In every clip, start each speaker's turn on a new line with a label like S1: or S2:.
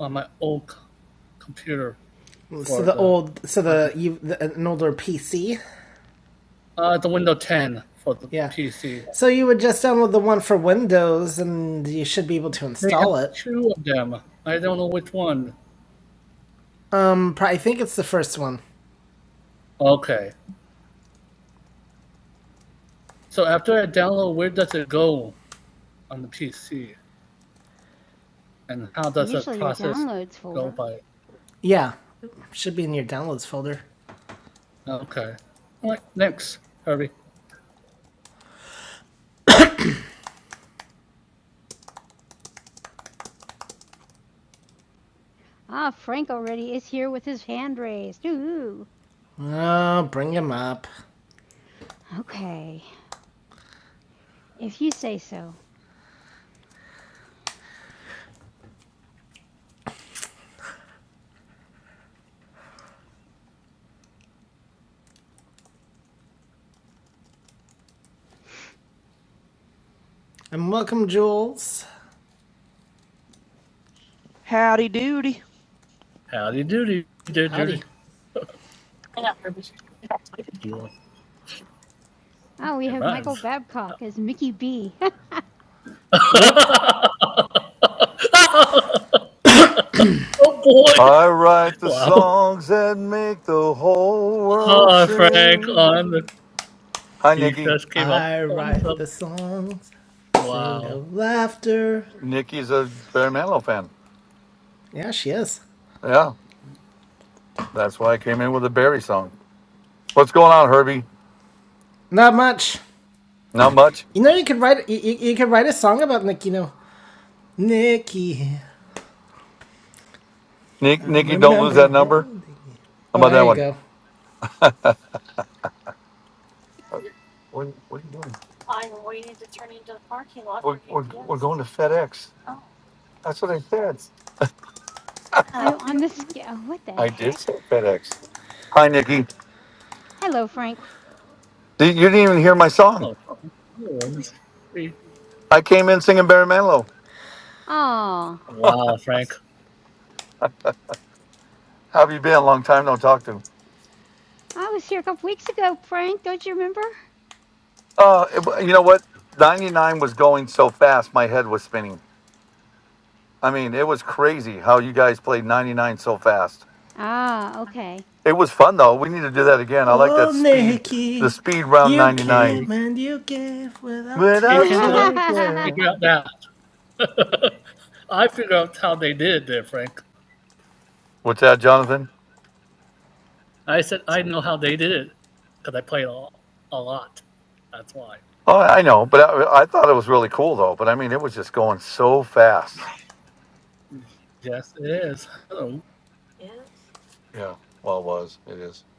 S1: on my old c- computer. So the old, so the, you, the an older PC. uh, the Windows 10 for the Yeah. PC. So you would just download the one for Windows, and you should be able to install it. Two of them. I don't know which one. Um, I think it's the first one. Okay. So after I download, where does it go on the PC, and how does Usually the your process downloads go folder. by? Yeah, should be in your downloads folder. Okay. All right. Next, Harvey. Ah, Frank already is here with his hand raised. Ooh. Oh, bring him up. Okay. If you say so. And welcome, Jules. Howdy doody. Howdy doody. doody. Howdy. doody. Oh, we have Michael Babcock as Mickey B. Oh boy!
S2: I write the
S1: Wow.
S2: songs that make the whole world
S1: Oh, Frank,
S2: sing.
S1: on the.
S2: Hi,
S1: He
S2: Nikki.
S1: just came I up. I write some- the songs. Wow. laughter.
S2: Nikki's a Barry Manilow fan.
S1: Yeah, she is.
S2: Yeah, that's why I came in with a Barry song. What's going on, Herbie?
S1: Not much.
S2: Not much.
S1: You know, you could write you, you, could write a song about like you know. Nikki,
S2: Nick,
S1: I
S2: Nikki, don't lose
S1: remember
S2: that number.
S1: holding you.
S2: How
S1: Oh,
S2: about
S1: there
S2: that
S1: you
S2: one?
S1: go.
S2: Uh, What, what are you doing? We're, we're, we're going to FedEx. That's what I said.
S1: I'm on the scale. What the
S2: I did
S1: heck?
S2: say FedEx. Hi, Nikki.
S1: Hello, Frank.
S2: Did- You didn't even hear my song.
S1: Oh, Hey.
S2: I came in singing Barry Manilow.
S1: Oh, Wow, Frank.
S2: How have you been? Long time no talk to.
S1: I was here a couple weeks ago, Frank. Don't you remember?
S2: Uh, it you know what? 99 was going so fast, my head was spinning. I mean, it was crazy how you guys played 99 so fast.
S1: Ah, okay.
S2: It was fun though. We need to do that again. I like that
S1: Oh,
S2: speed, the
S1: Nikki,
S2: speed round
S1: you
S2: 99.
S1: came Nikki. and you gave without You taking.
S2: Without
S1: cannot figure out
S2: taking.
S1: that. I figured out how they did it there, Frank.
S2: What's that, Jonathan?
S1: I said I know how they did it because I played a, a lot. That's why.
S2: Oh, I know, but I, I thought it was really cool though. But I mean, it was just going so fast.
S1: Yes, it is. Hello.
S2: Yeah, well, it was. It is.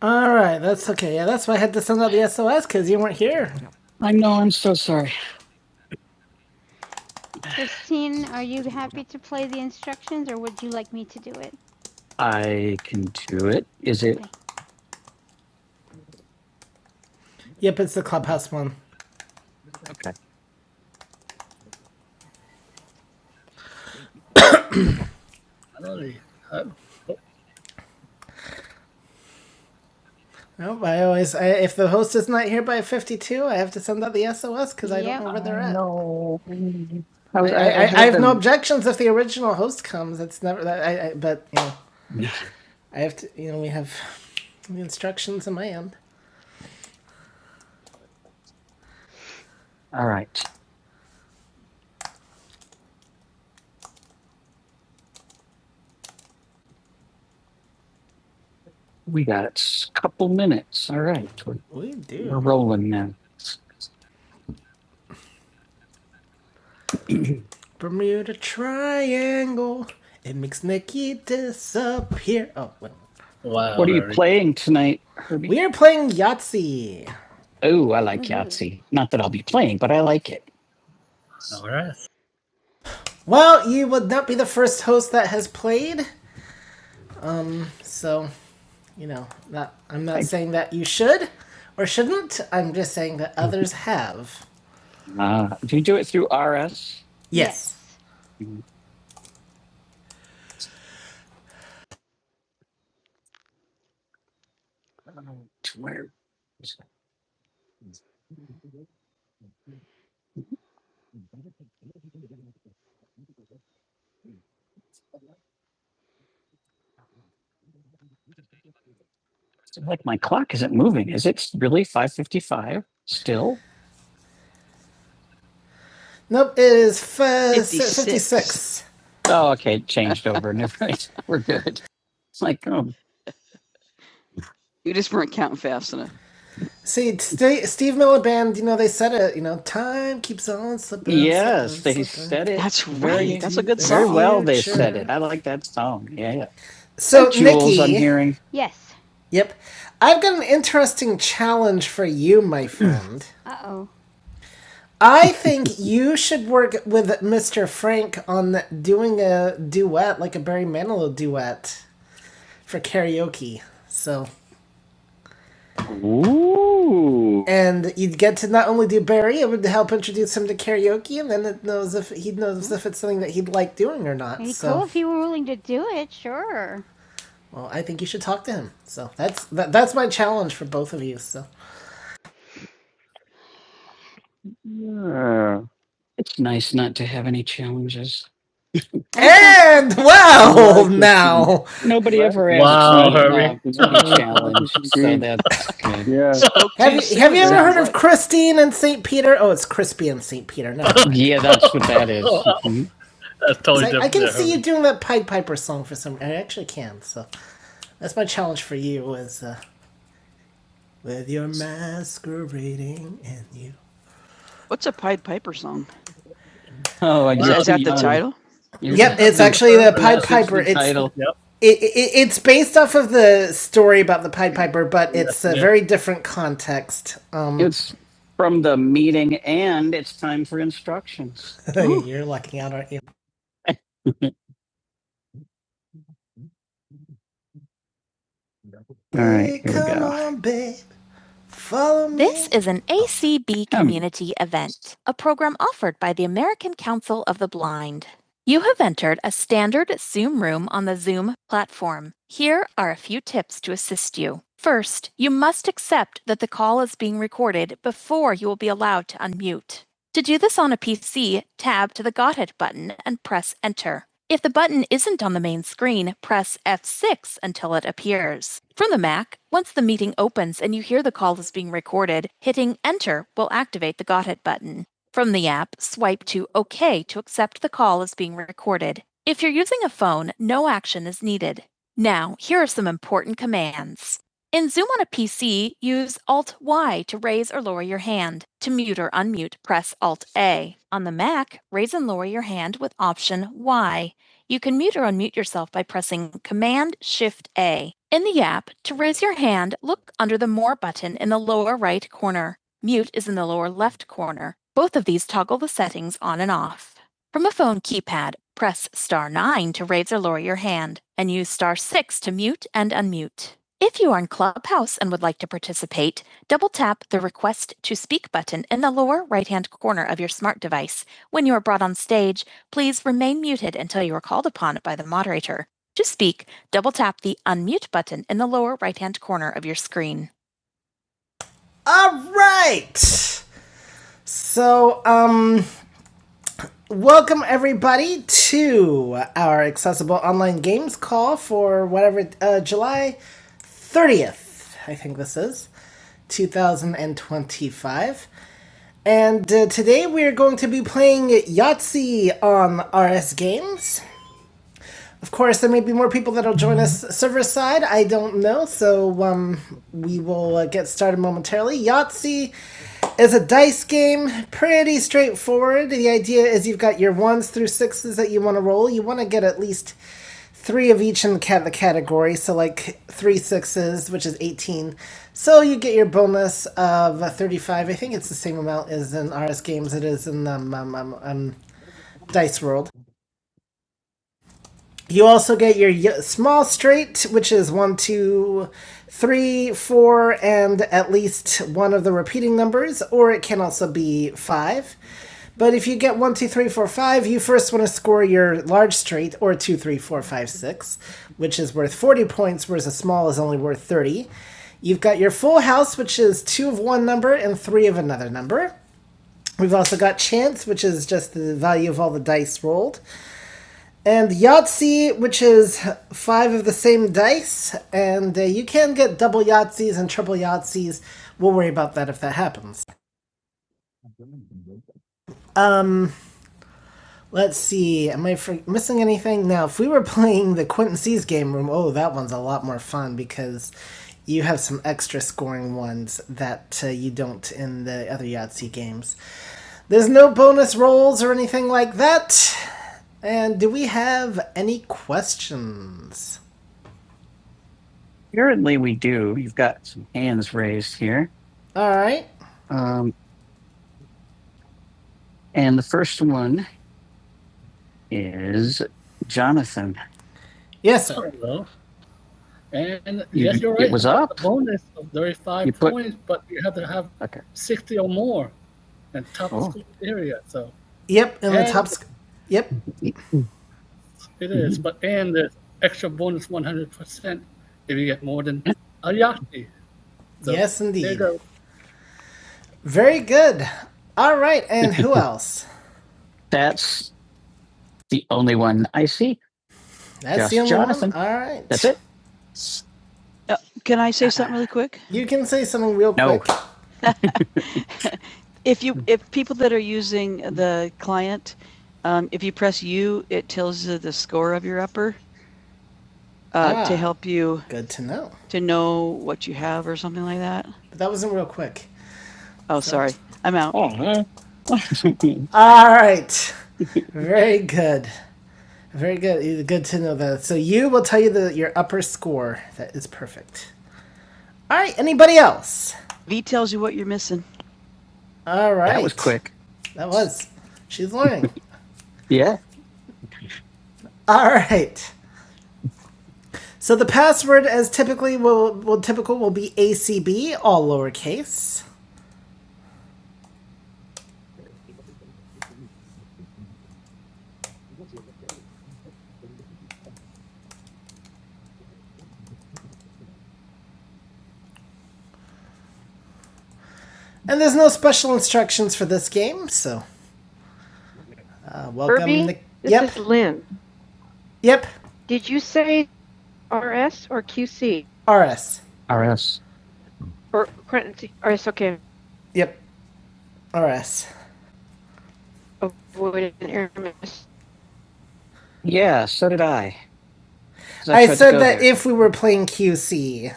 S1: All right, that's okay. Yeah, that's why I had to send out the SOS because you weren't here. Christine, are you happy to play the instructions or would you like me to do it? I can do it. Is it Okay. Yep, it's the clubhouse one. okay? Hello. Huh? Nope, I always I, if the host is not here by fifty-two, I have to send out the SOS because yep. I Yep. don't know where they're at. objections if the original host comes. It's never that. I, I but you know, yeah. I have to. You know, we have the instructions in my end. All right. We got a couple minutes. All right. We're, we're rolling now. Bermuda Triangle. It makes Nikki disappear. Oh, well. Wow. What are you playing tonight, Herbie? we are playing Yahtzee. Oh, I like Yahtzee. Not that I'll be playing, but I like it. All right. Well, you would not be the first host that has played. So, you know, not, I'm not Thanks. saying that you should or shouldn't. I'm just saying that others have. Uh, do you do it through RS? Yes. Where? Like my clock isn't moving. Is it really 5:55 still? Nope, it is f- 56. 56. Oh, okay. changed over. Never mind. We're good. It's like, oh, See, St- Steve Miller Band, you know, they said it, you know, time keeps on slipping. yes, slipping, they slipping. said well they said it. I like that song. Yeah, yeah. Hi, So, Jules. I'm hearing. Yes. yep, I've got an interesting challenge for you, my friend. Uh oh. I think you should work with Mr. Frank on doing a duet, like a Barry Manilow duet for karaoke. So, Ooh. and you'd get to not only do Barry, it would help introduce him to karaoke, and then it knows if he knows if it's something that he'd like doing or It'd not. It'd be So, cool if he were willing to do it, sure. Well, I think you should talk to him. So that's that, that's my challenge for both of you. So Yeah. and well Like now, No, Yeah. have Okay, you have you so ever heard of Christine and Saint Peter? Oh, it's Crispy and Saint Peter. Never yeah, that's what that is. Mhm. That's totally 'Cause I, I can see you doing that Pied Piper song for some. I actually can. So that's my challenge for you. Is uh, with your masquerading and you. What's a Pied Piper song? Oh, I Is, guess is that the title? Yep, it's actually the Pied Piper. It's- title. Yep. It, it, it's based off of the story about the Pied Piper, but it's yeah, a Yeah. very different context. Um, It's from the meeting, and it's time for instructions. you're lucking out, aren't you? All right, Hey, here we come go. Come on, babe. Follow me. This is an ACB Um. community um. event, a program offered by the American Council of the Blind. You have entered a standard Zoom room on the Zoom platform. Here are a few tips to assist you. First, you must accept that the call is being recorded before you will be allowed to unmute. To do this on a PC, tab to the Got It button and press Enter. If the button isn't on the main screen, press F6 until it appears. From the Mac, once the meeting opens and you hear the call is being recorded, hitting Enter will activate the Got It button. From the app, swipe to OK to accept the call is being recorded. If you're using a phone, no action is needed. Now, here are some important commands. In Zoom on a PC, use Alt Y to raise or lower your hand. To mute or unmute, press Alt A. On the Mac, raise and lower your hand with Option Y. You can mute or unmute yourself by pressing Command Shift A. In the app, to raise your hand, look under the More button in the lower right corner. Mute is in the lower left corner. Both of these toggle the settings on and off. From a phone keypad, press star nine to raise or lower your hand and use star six to mute and unmute. If you are in Clubhouse and would like to participate, double tap the Request to Speak button in the lower right-hand corner of your smart device. When you are brought on stage, please remain muted until you are called upon by the moderator. To speak, double tap the Unmute button in the lower right-hand corner of your screen. All right. So, um, Welcome, everybody, to our accessible online games call for whatever, uh, July 30th, I think this is, 2025. And uh, today we're going to be playing Yahtzee on RS Games. Of course, there may be more people that'll join us server side. I don't know, so um, we will uh, get started momentarily. Yahtzee as a dice game, pretty straightforward. The idea is you've got your ones through sixes that you want to roll. You want to get at least three of each in the category, so like three sixes, which is 18. So you get your bonus of uh, 35. I think it's the same amount as in RS games it is in um, um, um, um, Dice World. You also get your small straight, which is one, two, three, four, and at least one of the repeating numbers, or it can also be five. But if you get one, two, three, four, five, you first want to score your large straight or two, three, four, five, six, which is worth 40 points, whereas a small is only worth 30. You've got your full house, which is two of one number and three of another number. We've also got chance, which is just the value of all the dice rolled, and Yahtzee, which is five of the same dice. And uh, you can get double Yahtzees and triple Yahtzees. We'll worry about that if that happens. Um, Let's see. Am I for- missing anything? Now, if we were playing the Quentin game room, oh, that one's a lot more fun because you have some extra scoring ones that uh, you don't in the other Yahtzee games. There's no bonus rolls or anything like that. And do we have any questions? Apparently, we do. You've got some hands raised here. All right. Um, and the first one is Jonathan. Yes, sir. Hello. And You- yes, you're it right. It was up. The bonus of 35 You put- points, put, but you have to have Okay. 60 or more and top Oh. score area. So Yep, and and the top. Sc- yep, it is. mm-hmm. But and there's extra bonus 100% if you get more than a Yahtzee. So yes, indeed. go. Very good. All right, and who else? That's the only one I see. That's Just the only Jonathan. one. All right, That's it. Uh, Can I say something really quick? You can say something real No. quick. If you, if people that are using the client, um, if you press U, it tells you the score of your upper uh, Ah. to help you Good to know. to know what you have or something like that. But that wasn't real quick. Oh, so. sorry, I'm out. Oh. All right. Very good. Very good. Good to know that. So you will tell you the, your upper score. That is perfect. All right. Anybody else? V tells you what you're missing. All right. That was quick. That was. She's learning. Yeah. All right. So the password, as typically will, will typical, will be ACB, all lowercase. And there's no special instructions for this game, so uh, welcome. Kirby? Nic- This yep, is li- yep, R s. R s. yep, RS. Yeah, so did I. I tried said that there. if we were playing QC,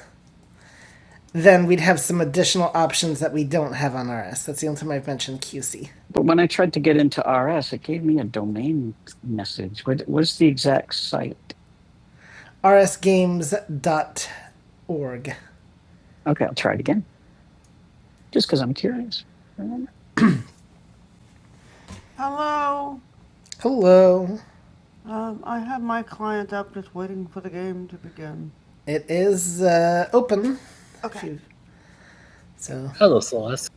S1: then we'd have some additional options that we don't have on RS. That's the only time I've mentioned QC. But when I tried to get into RS, it gave me a domain message. What was the exact site? R S games dot. org. Okay, I'll try it again, just because I'm curious. Um, Hello. Um, I have my client up just waiting for the game to begin. It is uh, open. Okay. So, Hello, Celeste.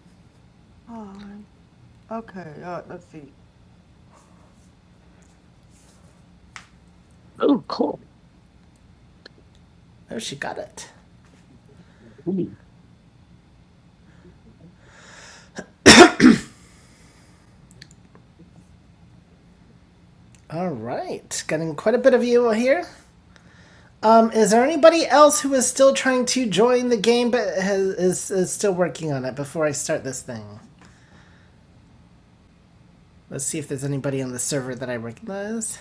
S1: Hi. Okay, uh, let's see. oh, she got it. All right, getting quite a bit of you here. Um, is there anybody else who is still trying to join the game but has, is, is still working on it before I start this thing? Let's see if there's anybody on the server that I recognize.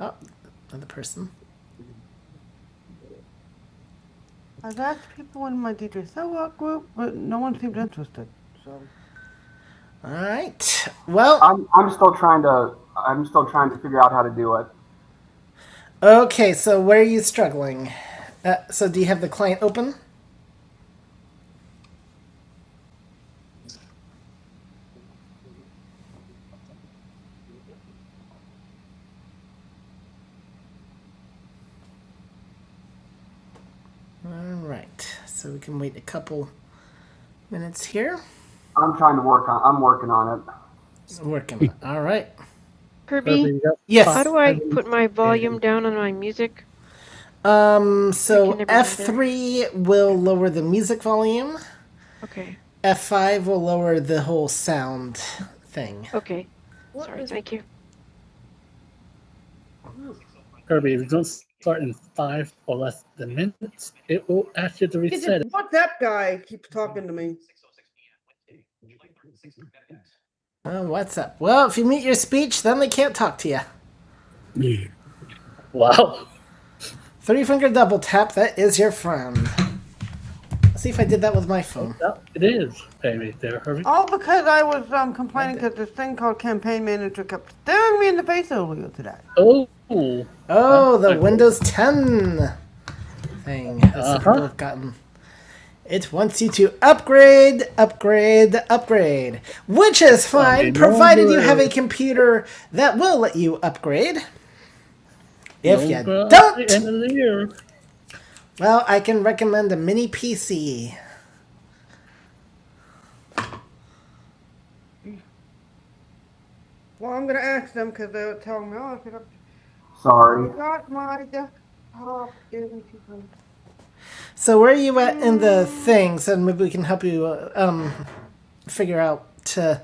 S1: Oh, another person. All right. Well, I'm, I'm still trying to I'm still trying to figure out how to do it. okay. So where are you struggling? Uh, so do you have the client open? All right. So we can wait a couple minutes here. I'm trying to work on I'm working on it. Working. All right. Kirby, Yes. how Yes. do I put my volume? Um. So F three will lower the music volume. F five will lower the whole sound thing. Oh, sorry. Thank you. Kirby, if you don't start in five or less than minutes, it will ask you to reset it. Oh, what's up? Well, if you mute your speech, then they can't talk to you. Wow. Three finger double tap, that is your friend. Let's see if I did that with my phone. That- It is Amy there, Kirby. All because I was um, complaining because this thing called campaign man. Oh, Oh, the Okay. Windows 10 thing. I Uh-huh. People have gotten It wants you to upgrade, upgrade, upgrade, which is fine, provided you have a computer that will let you upgrade. If you don't, well, I can recommend a mini PC. Sorry. So where are you at in the thing? So maybe we can help you uh, um figure out to.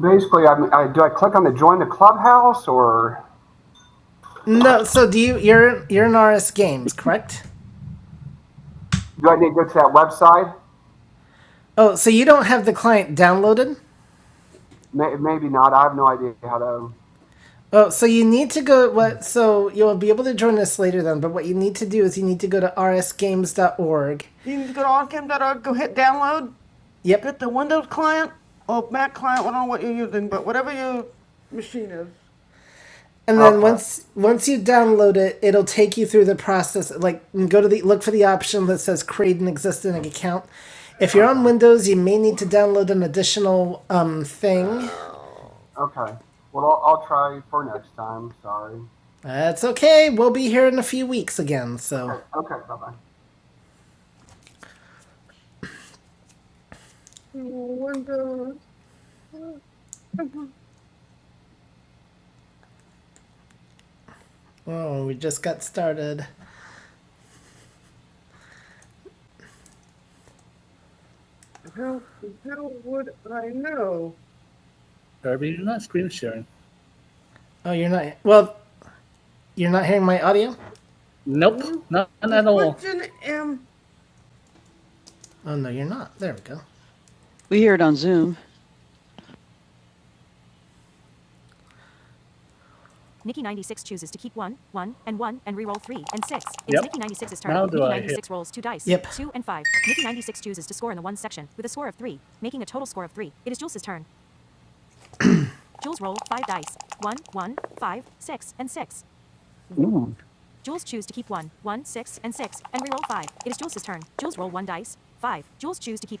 S1: Basically, i I, do I click on the join the clubhouse or No, so do you? You're you're in RS Games, correct? do I need to go to that website? Oh, so you don't have the client downloaded? Maybe not. I have no idea how to. Oh, so you need to go. What? So you'll be able to join us later then. But what you need to do is you need to go to rsgames.org. You need to go to go hit download. Yep. Get the oh Mac client. I don't know what you're using, but whatever you. And then Okay. once once you download it, it'll take you through the process. Like go to the look for the option that says create an existing account. If you're on Windows, you may need to download an additional um, thing. Okay. Well, I'll, I'll try for next time. Sorry. That's okay. We'll be here in a few weeks again. So, Okay. Bye bye. oh, we just got started. Kirby, you're not screen sharing. Oh, you're not. Well, you're not hearing my audio. Nope, not, not at all. Oh no, you're not. There we go. Yep, now do I hear. Yep.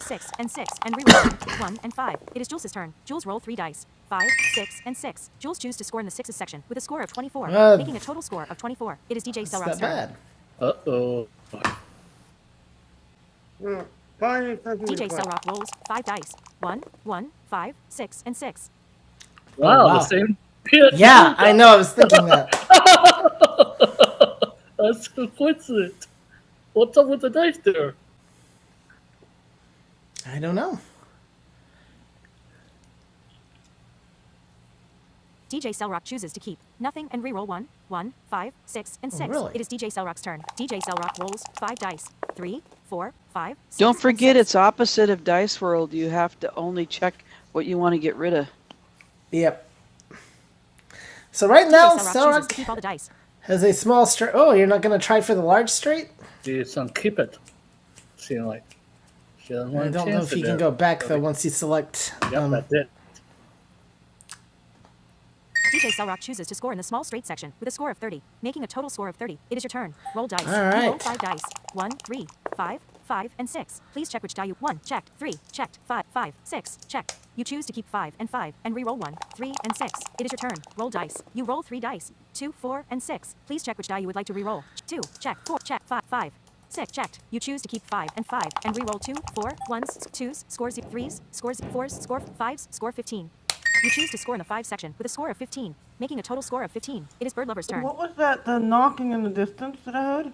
S1: six, and six, and reroll one and five. It is Jules' turn. Jules roll three dice. Five, six, and six. Jules choose to score in the sixes section with a score of 24, Ah. making a total score of 24. It is DJ It's that Selrock's turn. bad. Uh oh. Rock rolls five dice. One, one, five, six, and six. Wow, oh, wow. the same pit. Yeah, I know. I was thinking that. That's coincident. What's up with the dice there? I don't know. DJ and six. Oh, really? It is Five dice. Three, four, five. six, Don't forget, six. it's opposite of Dice World. You have to only check what you want to get rid of. Yep. So right now, Okay, Sarok keep all the dice. has a small straight. Oh, you're not going to try for the large straight? She's going keep it. She like she doesn't I don't know if you can go back, though, once you select. Yep, Um, that's it. One, three, five, five, six. You choose to keep five and five and re-roll one, three, and six. It is your turn. Roll dice. Roll.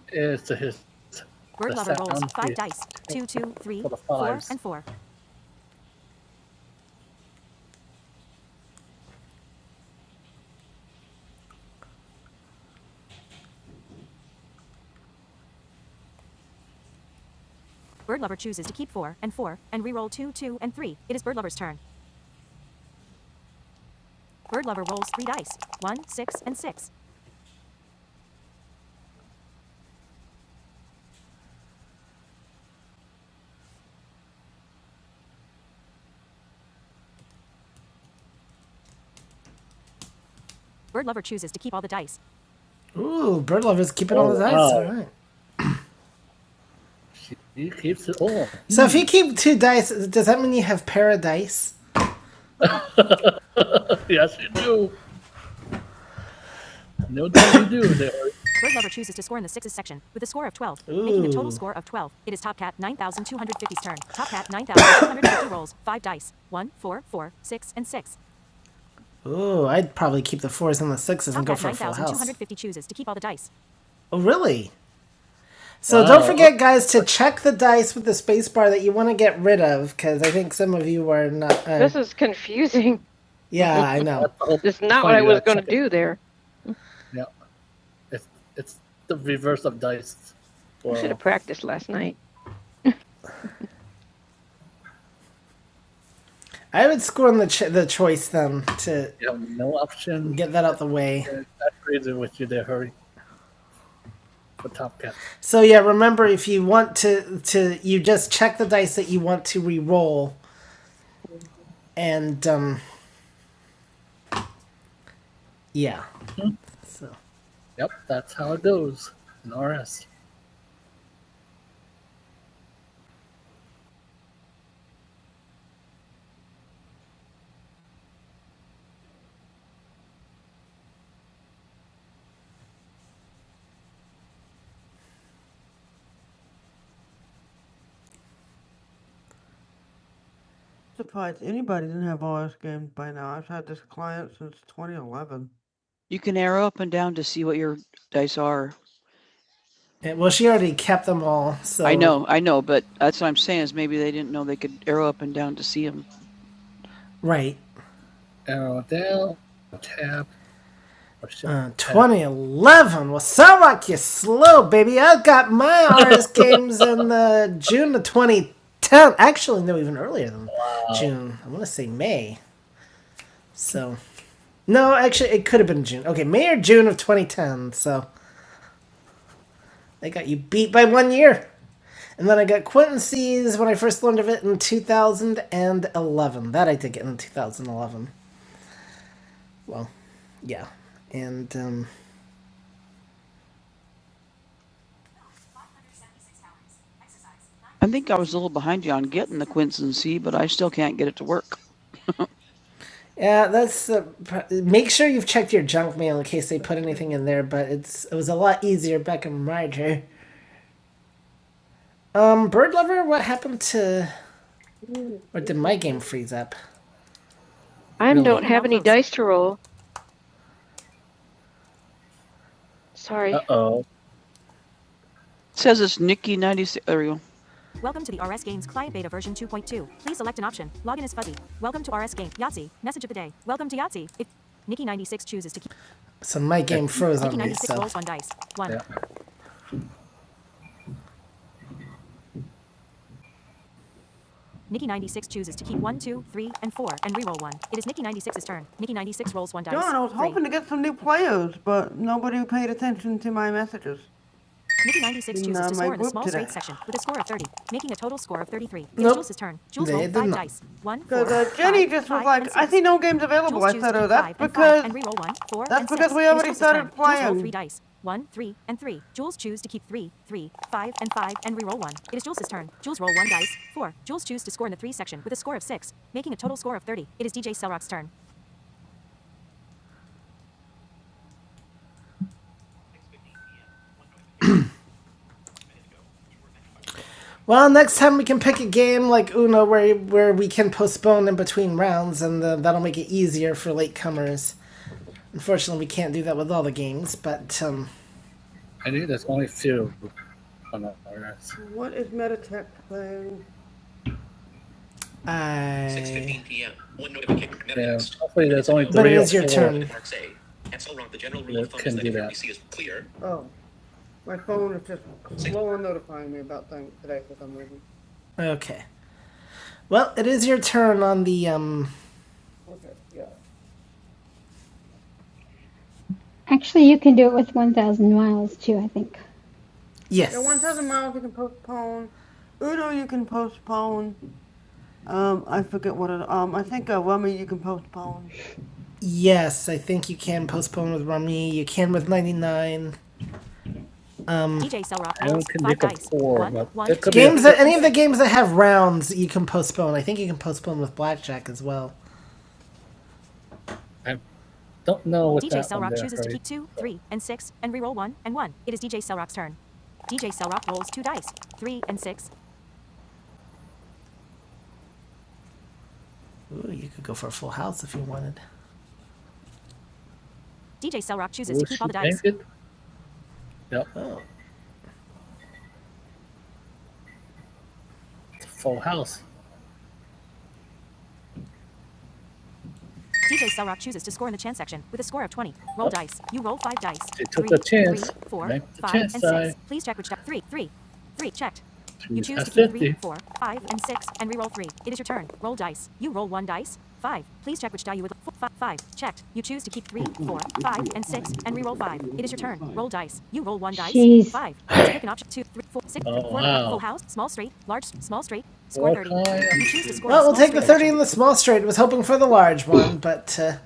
S1: Th- It's his. Bird lover rolls five dice. Two, two, three, four, and four. Ooh, bird lovers keeping all the dice. Alright. right. He keeps it all. So if you keep two dice, does that mean you have paradise? Yes, you do. No doubt you do. There. Ooh, I'd probably keep the fours and the sixes. Oh, really? So Wow. don't forget, guys, to check the dice with the space bar that you want to get rid of, because I think some of you are not. Uh, This is confusing. yeah, I know. It's not what I was going to do there. Yeah, it's, it's the reverse of dice. I I would scorn the ch- the choice then to You no option. get that out the way. Yeah, That's the reason with you there, hurry for Top Cat. So yeah, remember if you want to to you just check the dice that you want to re-roll and um yeah. So Yep, that's how it goes. in RS. Surprised anybody didn't have RS games by now. I've had this client since 2011. You can arrow up and down to see what your dice are Yeah, well, she already kept them all. So I know, I know, but that's what I'm saying is maybe they didn't know they could arrow up and down to see them. Right. Arrow down, tap, Uh, 2011. Well, sound like you slow, baby. I got my artist games in the June of 2010. Actually, no, even earlier than wow. June. I want to say May. So no, actually, it could have been June. Okay, May or June of 2010. So they got you beat by one year. And then I got Quincy's when I first learned of it in 2011. That I did get in 2011. Well, yeah. And, um, I think I was a little behind you on getting the Quinson C, but I still can't get it to work. yeah, that's. Uh, make sure you've checked your junk mail in case they put anything in there, but it's it was a lot easier back in my day. Um, Bird Lover, what happened to. Or did my game freeze up? Uh oh. It says it's Nikki ninety six. There we go. So my game froze on to get some new players, but nobody paid attention to my no games available. Well, next time we can pick a game like Uno where where we can postpone in between rounds, and uh that'll make it easier for latecomers. Unfortunately, we can't do that with all the games, but um, I knew there's only few. I. six fifteen PM. Yeah, hopefully there's only three. But it or is your turn. can do that. My phone is just slow on notifying me about things today for some reason. Okay. Well, it is your turn on the um
S3: Actually, you can do it with 1,000 miles too, I think.
S1: Yes. The 1,000 miles you can postpone. Uno you can postpone. Post- Yes, I think you can postpone with Rummy. You can with 99. Games that, any of the games that have rounds, you can postpone. I think you can postpone with Blackjack as well. I don't know Ooh, you could go for a full house if you wanted. good. Yep, Oh. full house.
S3: Jeez.
S1: Oh, yeah. In the small straight, was hoping for the large one, but uh,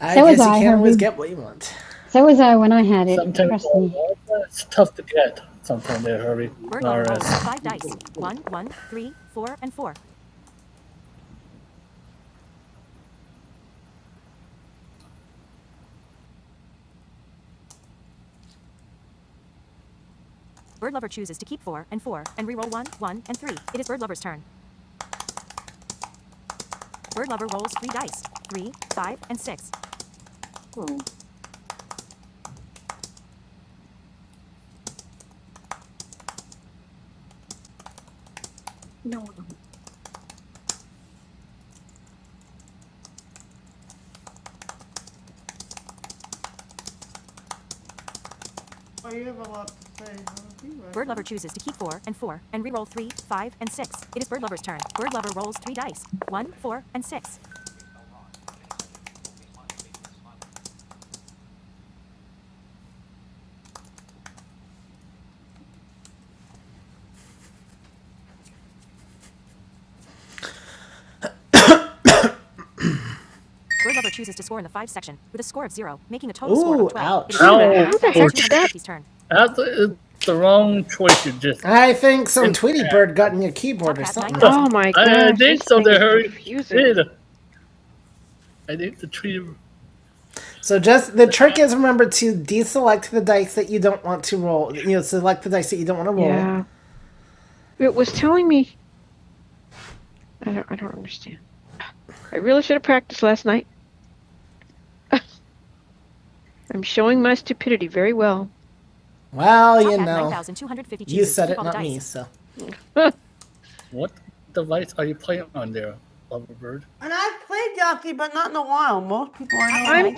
S1: I
S3: So was
S1: guess you
S3: I,
S1: can't always
S3: Herbie.
S1: get what you want.
S3: So was I when I had it.
S1: Sometimes they
S3: Trust me.
S1: large, but it's tough to get. Sometimes they're hurry. That's it's the wrong choice you just. I think some Tweety Bird got in your keyboard. My I, I gosh, did something hurry. confusing. I need the Tweety. So just the trick is remember to deselect the dice that you don't want to roll. You know, select the dice that you don't want to roll. Yeah, it was telling me. I don't. I don't understand. I really should have practiced last night. I'm showing my stupidity very well. Well, you- so What device are you playing on there, Loverbird? I'm.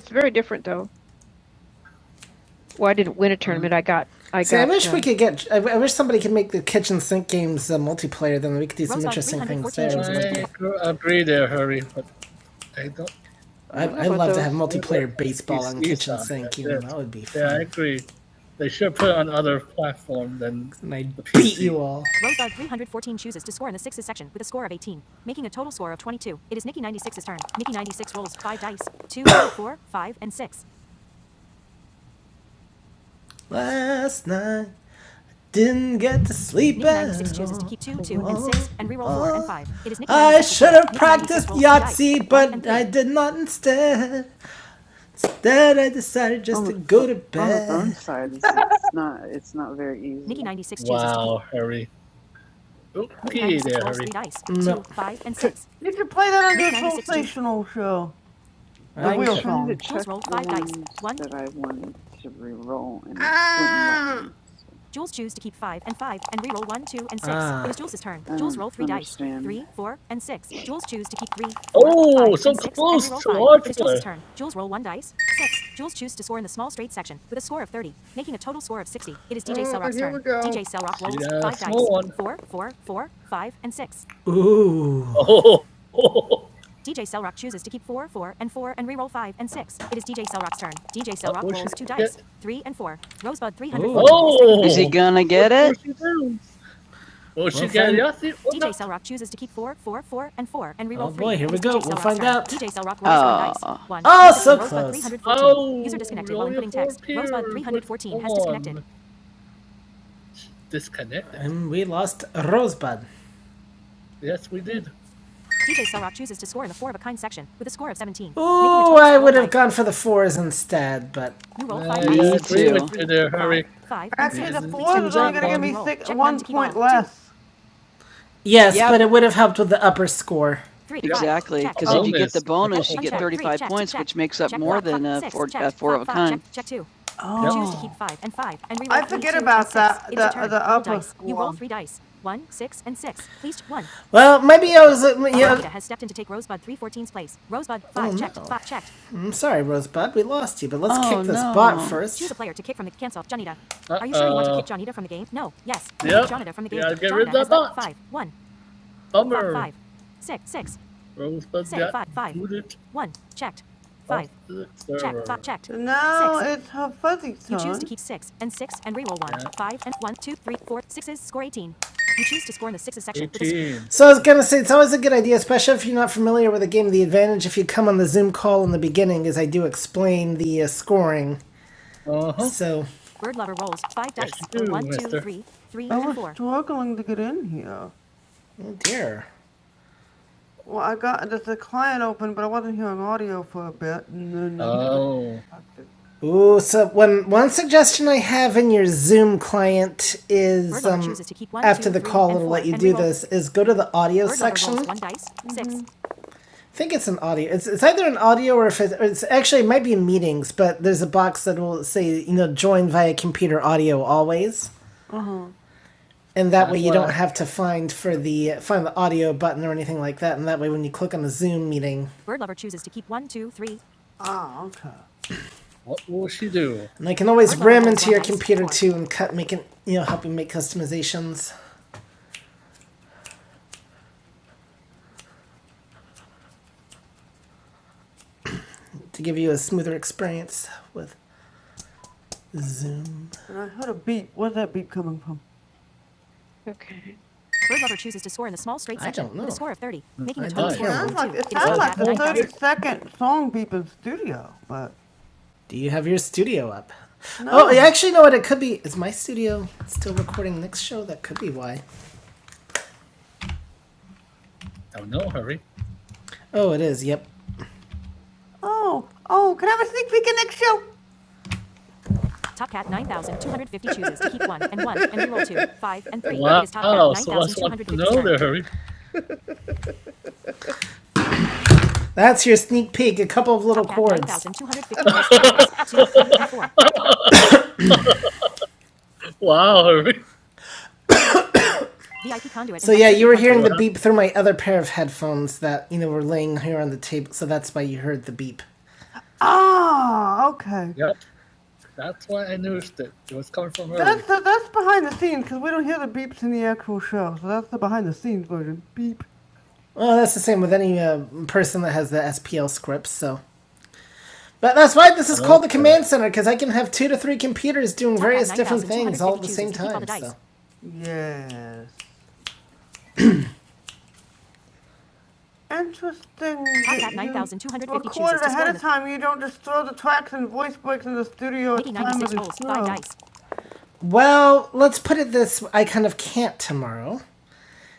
S1: It's very different though. Well, I didn't win a tournament. I got. I See, got. I wish uh, we could get. I, I wish somebody could make the kitchen sink games uh, multiplayer. Then we could do. I agree there, Hurry, but I don't. I, I'd about love those? to have multiplayer baseball on kitchen are- sink. That's You know, yeah. that would be fun. Yeah, I agree. They should put it on other platform than and I beat you all last night. Didn't get to sleep.
S4: It wouldn't
S1: did not instead. That I decided just
S4: on the
S1: to go
S4: pho-
S1: to
S4: on the phone
S1: bed.
S4: side. is it's not it's not very easy
S1: oh, Hurry. Oh,
S4: because
S1: You could play that on the original show,
S4: I
S1: the I wheel
S4: was
S1: could-
S4: trying
S1: phone.
S4: to check the ones that I wanted to re-roll and it wouldn't let me. So I don't understand.
S1: Ooh. Oh, oh, oh. Is he gonna get it? Well, she Well, got nothing. Disconnected. And we lost Rosebud. Yes, we did. Gone for the fours instead, but. Yes, Yep. but it would have helped with the upper score. Get the bone. Well, maybe I was. uh, I'm sorry, Rosebud. We lost you, but let's Oh, kick this no. bot first. Um, Rosebud. So I was gonna say it's always a good idea, especially if you're not familiar with the game. The advantage if you come on the Zoom call in the beginning is I do explain the uh, scoring. Uh-huh. So Struggling to get in here. oh dear, Well, I got the client open, but I wasn't hearing audio for a bit, and then Oh. ooh. So one one suggestion I have in your Zoom client is is go to the audio I think it's an audio. It's, it's either an audio or if it's, or it's actually it might be meetings, but there's a box that will say you know join via computer audio always, and that That's way you don't I... have to find for the find the audio button or anything like that. And that way when you click on the Zoom meeting, Ah, oh, okay. What will she do? and I can always read it or two and cut make it you know help you make customizations to give you a smoother experience with Zoom. And I heard a beep. Where's that beep coming from? Second song beeping Do you have your studio up? No. Oh, yeah, actually, no. What it could be is my studio still recording next show. That could be why. Oh no, hurry, Oh, it is. Yep. Oh, oh, can I have a sneak peek in next show? hurry! That's your sneak peek. A couple of little Wow, hurry! hearing wow. the beep through my other pair of headphones that you know were laying here on the table. So that's why you heard the beep. Ah, okay. Yep, that's why I noticed it. It was coming from early. That's the, that's behind the scenes because we don't hear the beeps in the actual show, so that's the behind the scenes version. Beep. Well, that's the same with any uh, person that has the SPL scripts. So, but that's why this is okay. called the command center because I can have two to three computers doing. Ver- Yes. Interesting. Time you don't just throw the tracks and voice breaks in the studio. well, let's put it this: way. I kind of can't tomorrow.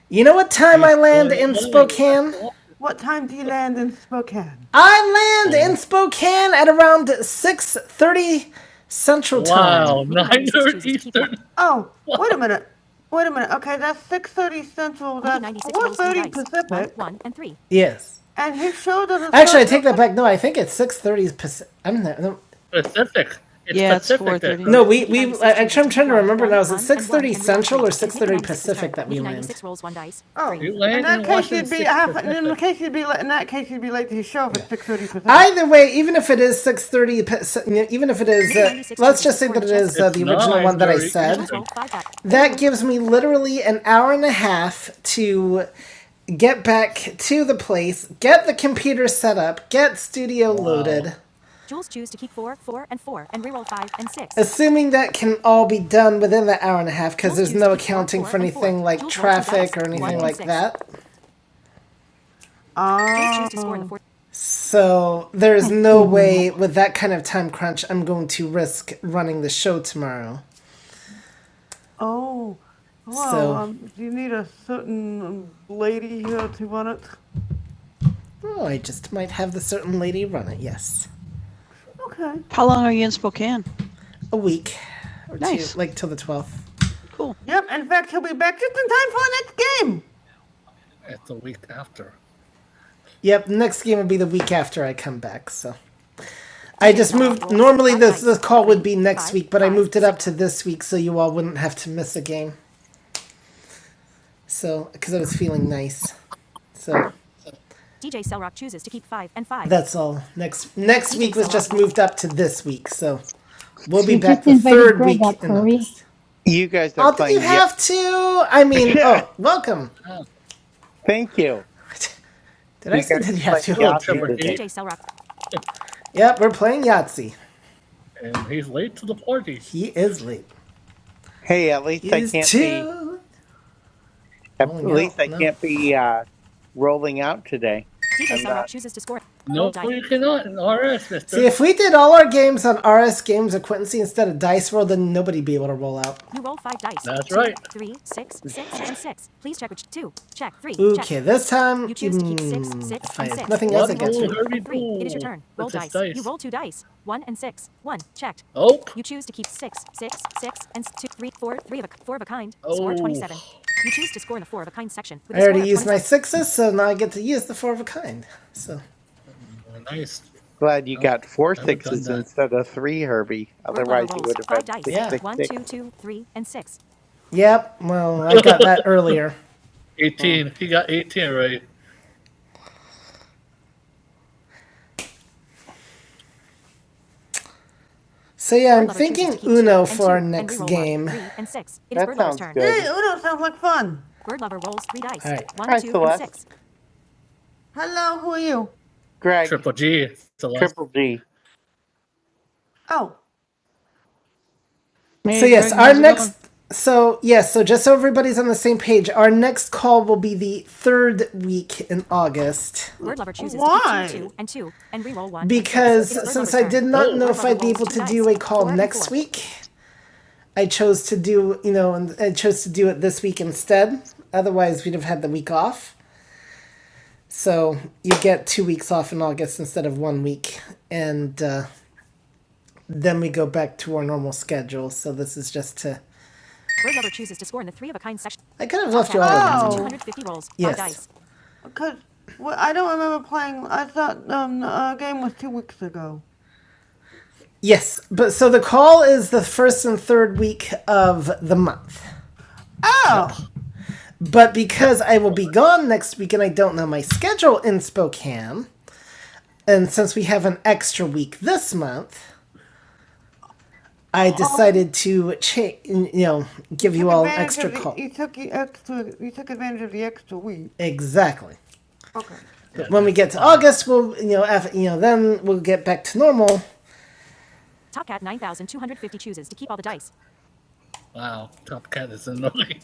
S1: You know what time I land in Spokane? What time do you land in Spokane? I land in Spokane at around six thirty Central Time. Wow, Oh, wait a minute. Wait a minute. Okay, that's six thirty central, Yes. and his show doesn't. Actually, I take that back. No, I think it's six thirty Pacific. I'm not, no, Pacific. It's Yeah, it's Pacific. there. 4:30. no, we, we. In that case, you'd be half. In case, you'd be late. In that case, you'd be late to his show if it's six thirty Either way, even if it is six thirty, even if it is the No, original I one that I said, that gives me literally an hour and a half to get back to the place, get the computer set up, get studio wow. loaded. assuming that can all be done within the hour and a half, because Ah, so there is
S3: I
S1: no
S3: screwed that up.
S1: way with that kind of time crunch I'm going to risk running the show tomorrow. oh. Wow. So- um, do you need a certain um, lady here to run it? Oh, I just might have the certain lady run it. Yes, Okay. How long are you in Spokane? a week or Nice. two, like till the twelfth. Cool. Yep. In fact, he'll be back just in time for the next game. It's a week after. Yep, next game will be the week after I come back. So I just moved. Normally, this this call would be next, but I moved it up to this week so you all wouldn't have to miss a game. So because I was feeling nice. So that's all. Next next week was just moved up to this week. So we'll be
S3: You
S1: back
S3: just
S1: the
S3: invited
S1: third
S3: Greg
S1: week
S3: up,
S1: in
S3: Herbie.
S1: August.
S5: You guys are
S1: Oh, did you
S5: playing yeah.
S1: have to? I mean, oh, welcome. Oh.
S5: Thank you.
S1: Did I
S5: You
S1: say
S5: guys
S1: did
S5: are
S1: you have
S5: playing
S1: to? Hello, Oh,
S5: Yahtzee
S1: Jeopardy.
S5: today.
S1: Yep, we're playing Yahtzee. And he's late to the party. He is late.
S5: Hey, at least
S1: He
S5: I
S1: is
S5: can't be
S1: too
S5: at
S1: rolling out.
S5: least I
S1: No.
S5: can't be uh rolling out today. I'm not
S1: See, if we did all our games on RS Games or Quincy instead of Dice World, then nobody'd be able to roll out. Okay, This time, Oh, I sixes, so now I get to use the four of a kind. So, oh, nice.
S5: glad you
S1: Oh,
S5: got four
S1: I would have done
S5: sixes
S1: that.
S5: instead of three, Herbie. Otherwise you would have had six six six.
S1: yep, well, I got that earlier.
S5: Hmm,
S1: 18. He got 18 right. So, yeah, I'm-
S5: that sounds
S1: Yay,
S5: good.
S1: Uno sounds like fun.
S5: Hi Celeste,
S1: Hello, who are you?
S5: Greg,
S1: Triple G. Celeste.
S5: Triple G.
S1: Oh, Maybe so yes, our next. Going. So yes, so just so everybody's on the same page, our next call will be the third week in August. Not in the week I chose to do, you know, and I chose to do it this week instead. Otherwise, we'd have had the week off. So you get two weeks off in August instead of one week, and uh, then we go back to our normal schedule. So this is just to. I could have left. Cause well, I don't remember playing. I thought um, our game was two weeks ago. Yes, but so the call is the first and third week of the month. Oh, But because I will be gone next week and I don't know my schedule in Spokane, and since we have an extra week this month, I decided to cha- you know give you you all an extra the- call. You took the extra. You took advantage of the extra week. Exactly. Okay. But when we get to August, we'll you know af you know then we'll get back to normal. Wow, Top Cat is annoying.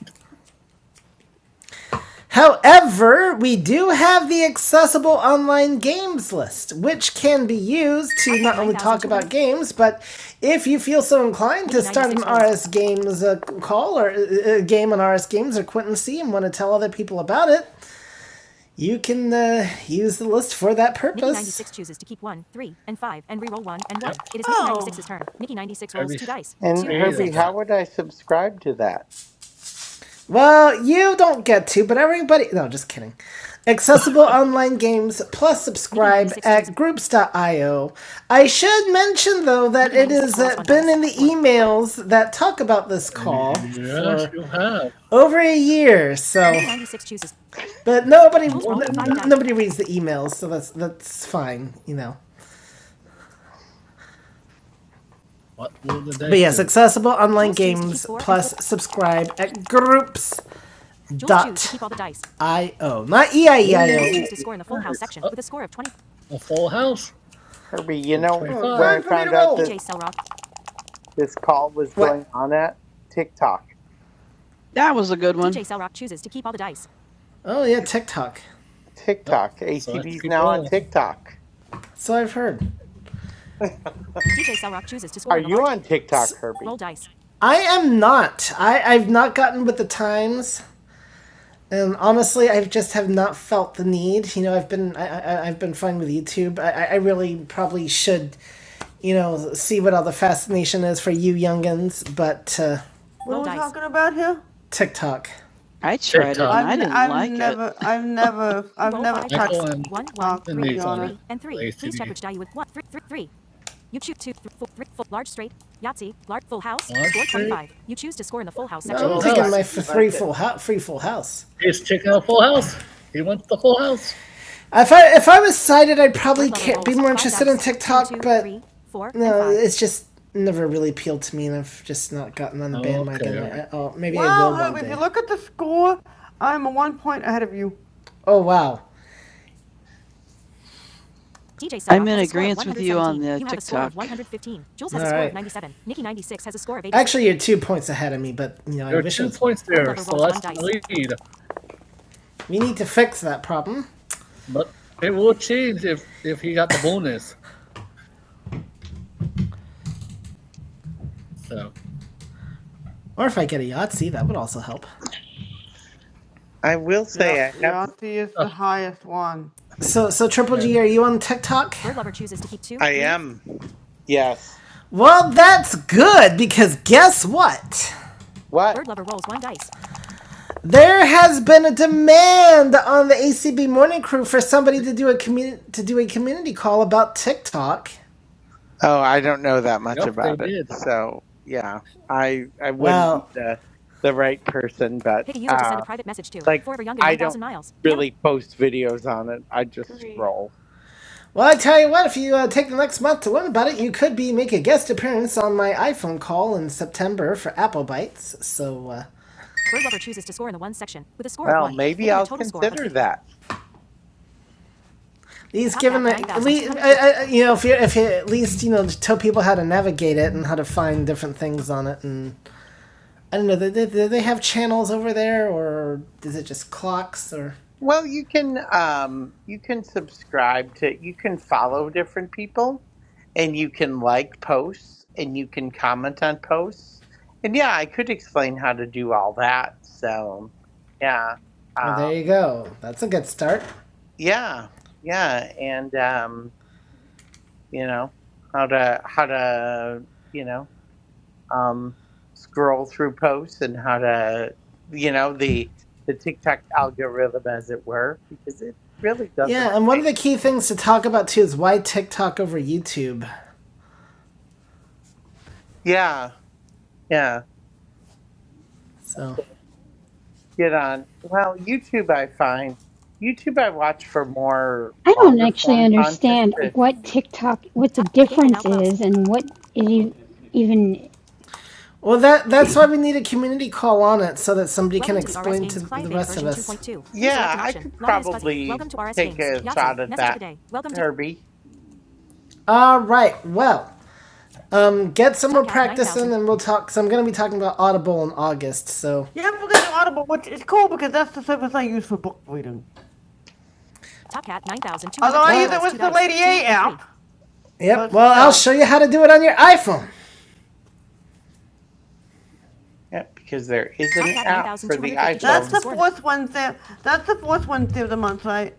S1: However, we do have the accessible online games list, which can be used to not only about games, but if you feel so inclined to rs games a call or a game on RS Games or Quentin C and want to tell other people about it, you can uh, use the list for that purpose.
S5: And Herbie, how would I subscribe to that?
S1: Well, you don't get to, but everybody. No, just kidding. Accessible online games plus subscribe groups.io. I should mention though that emails that talk about this call Yes, for you have. over a year. So, but nobody nobody reads the emails, so that's that's fine, you know. What will the day But yes, do? accessible online. Subscribe at groups.io, not EIE. a full house.
S5: Herbie, you
S1: You're
S5: know where I
S1: Time for me to
S5: found out
S1: roll.
S5: this this call was going
S1: What?
S5: on at? TikTok.
S1: That was a good one. Oh yeah, TikTok. Oh,
S5: TikTok.
S1: so let's
S5: ACB's
S1: keep
S5: now on
S1: rolling.
S5: TikTok.
S1: So I've heard.
S5: Are you on TikTok,
S1: S
S5: Herbie?
S1: I have heard I am not. I I've not gotten with the times. And honestly, I've just have not felt the need. You know, I've been I, I I've been fine with YouTube. I I really probably should you know see what all the fascination is for you youngins, but uh, what Talking about here, TikTok. I tried it i and tiktok did not I n- didn't I've like never, it. I've never I
S5: Jewel, why
S1: And my f-
S5: didn't you like
S1: three
S5: it?
S1: full house. free full house. He's checking out Full House. He wants the Full House. If I if I was sighted, I'd probably it's just never really appealed to me, and I've just not gotten on the Oh, bandwagon. okay. at all. maybe Well, I will uh, one if day. you look at the score, I'm one point ahead of you. oh wow! Actually, you're two points ahead of me, but you know you're I There are wish. You're two it was- points there. We need to fix that problem, But it will change if if he got the bonus. So or if I get a Yahtzee, that would also help.
S5: I will
S1: Yeah,
S5: say I have.
S1: Yancy is the uh. highest one. So, so Triple G, are you on TikTok?
S5: I am. Yes.
S1: Well, that's good because guess what?
S5: What?
S1: There has been a demand on the ACB morning crew for somebody to do a community to do a community call about TikTok.
S5: Oh, I don't know that much
S1: Yep, they
S5: about it.
S1: did.
S5: So yeah, I I wouldn't be
S1: Well,
S5: the the right person, but uh, like I don't really post videos on it. I just scroll.
S1: well, I tell you what, if you uh, take the next month to learn about it, you could be make a guest appearance on my iPhone call in September for Apple Bites. So uh,
S5: Well, maybe I'll consider that.
S1: these, I, I, you know, if you if you at least you know tell people how to navigate it and how to find different things on it, and I don't know, do they, do they have channels over there, or is it just clocks or?
S5: Well, you can um, you can subscribe to you can follow different people, and you can like posts, and you can comment on posts, and yeah, I could explain how to do all that. So, yeah,
S1: Well,
S5: um,
S1: there you go. That's a good start.
S5: yeah, yeah, and um, you know how to how to you know um, scroll through posts and how to you know the the TikTok algorithm, as it were, because it really doesn't
S1: Yeah, and one of
S5: change.
S1: the key things to talk about too is why TikTok over YouTube.
S5: Yeah, yeah.
S1: So,
S5: Get on. Well, YouTube I find YouTube I watch for more
S3: I don't
S5: longer
S3: actually
S5: form content.
S3: understand
S5: to-
S3: what TikTok, what the difference is, and what it e- even.
S1: well, that that's why we need a community call on it so that somebody.
S5: Yeah, I could probably take a shot at that, Herbie.
S1: All right. Well, um, get some more and we'll talk. So I'm going to be talking about Audible in August. So. Yeah, we're gonna do Audible, which is cool because that's the service I use for book reading. Yep. but, Well, uh, I'll show you how to do it on your iPhone.
S5: Yeah, because there is an app for the iPhone.
S1: This Wednesday, that's the fourth Wednesday of the month, right?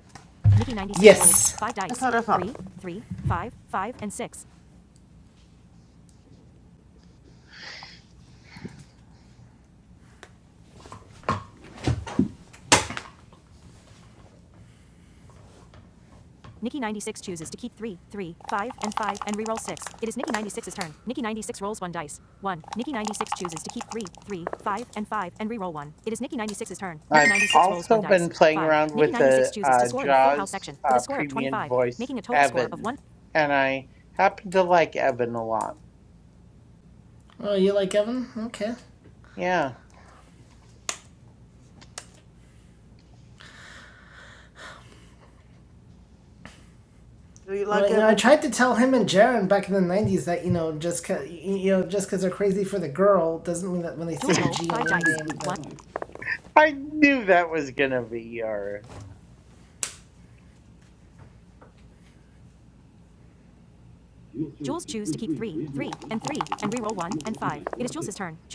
S5: I've also been playing around with the uh, Jaws uh, premium voice, Evan, and I happen to like Evan a lot.
S1: Oh, you like Evan? Okay.
S5: Yeah,
S1: Do you like Well, like you know, I tried to tell him and Jaron back in the '90s that you know just cause, you know just because they're crazy for the girl doesn't mean that when they
S5: I knew that was gonna be your.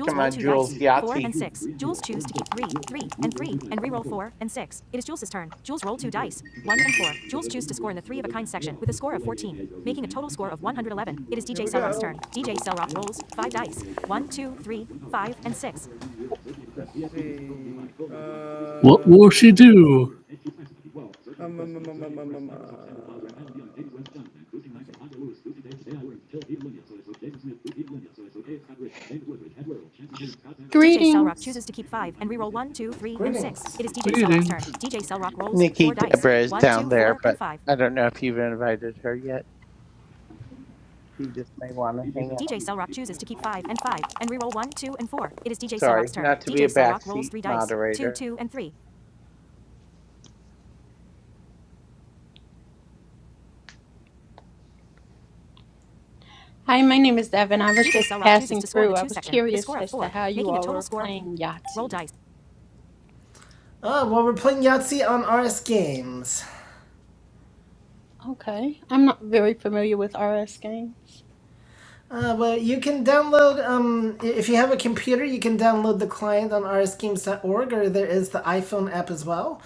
S5: Come on, Jules Yahtzee.
S1: Let's see. Uh, What will she do? Um, um, um, um, um, um, um, uh, let's see.
S6: Greetings.
S5: Nikki Deborah is down there, but I don't know if you've invited her yet. She just may want to hang out. Sorry, not to be a backseat moderator.
S6: Hi, my name is Devin. I was just passing through. I was curious as to how you all were playing Yahtzee.
S1: oh well we're playing Yahtzee on RS Games.
S6: Okay. I'm not very familiar with RS games.
S1: Uh, well, you can download, um, if you have a computer, you can download the client on rschemes.org, or there is the iPhone app as well.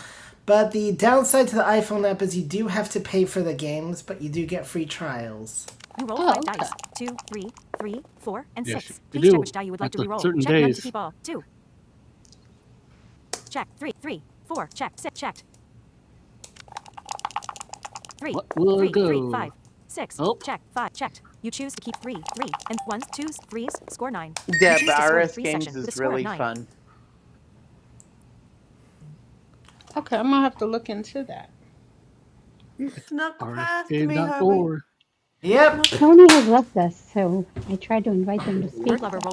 S1: But the downside to the iPhone app is you do have to pay for the games, but you do get free trials.
S6: Oh, okay.
S5: Deb, RS Games is really fun.
S6: Okay, I'm gonna have to look into that.
S1: You snuck past me, Herbie. Yep.
S3: Tony has left us, so I tried to invite them to speak, but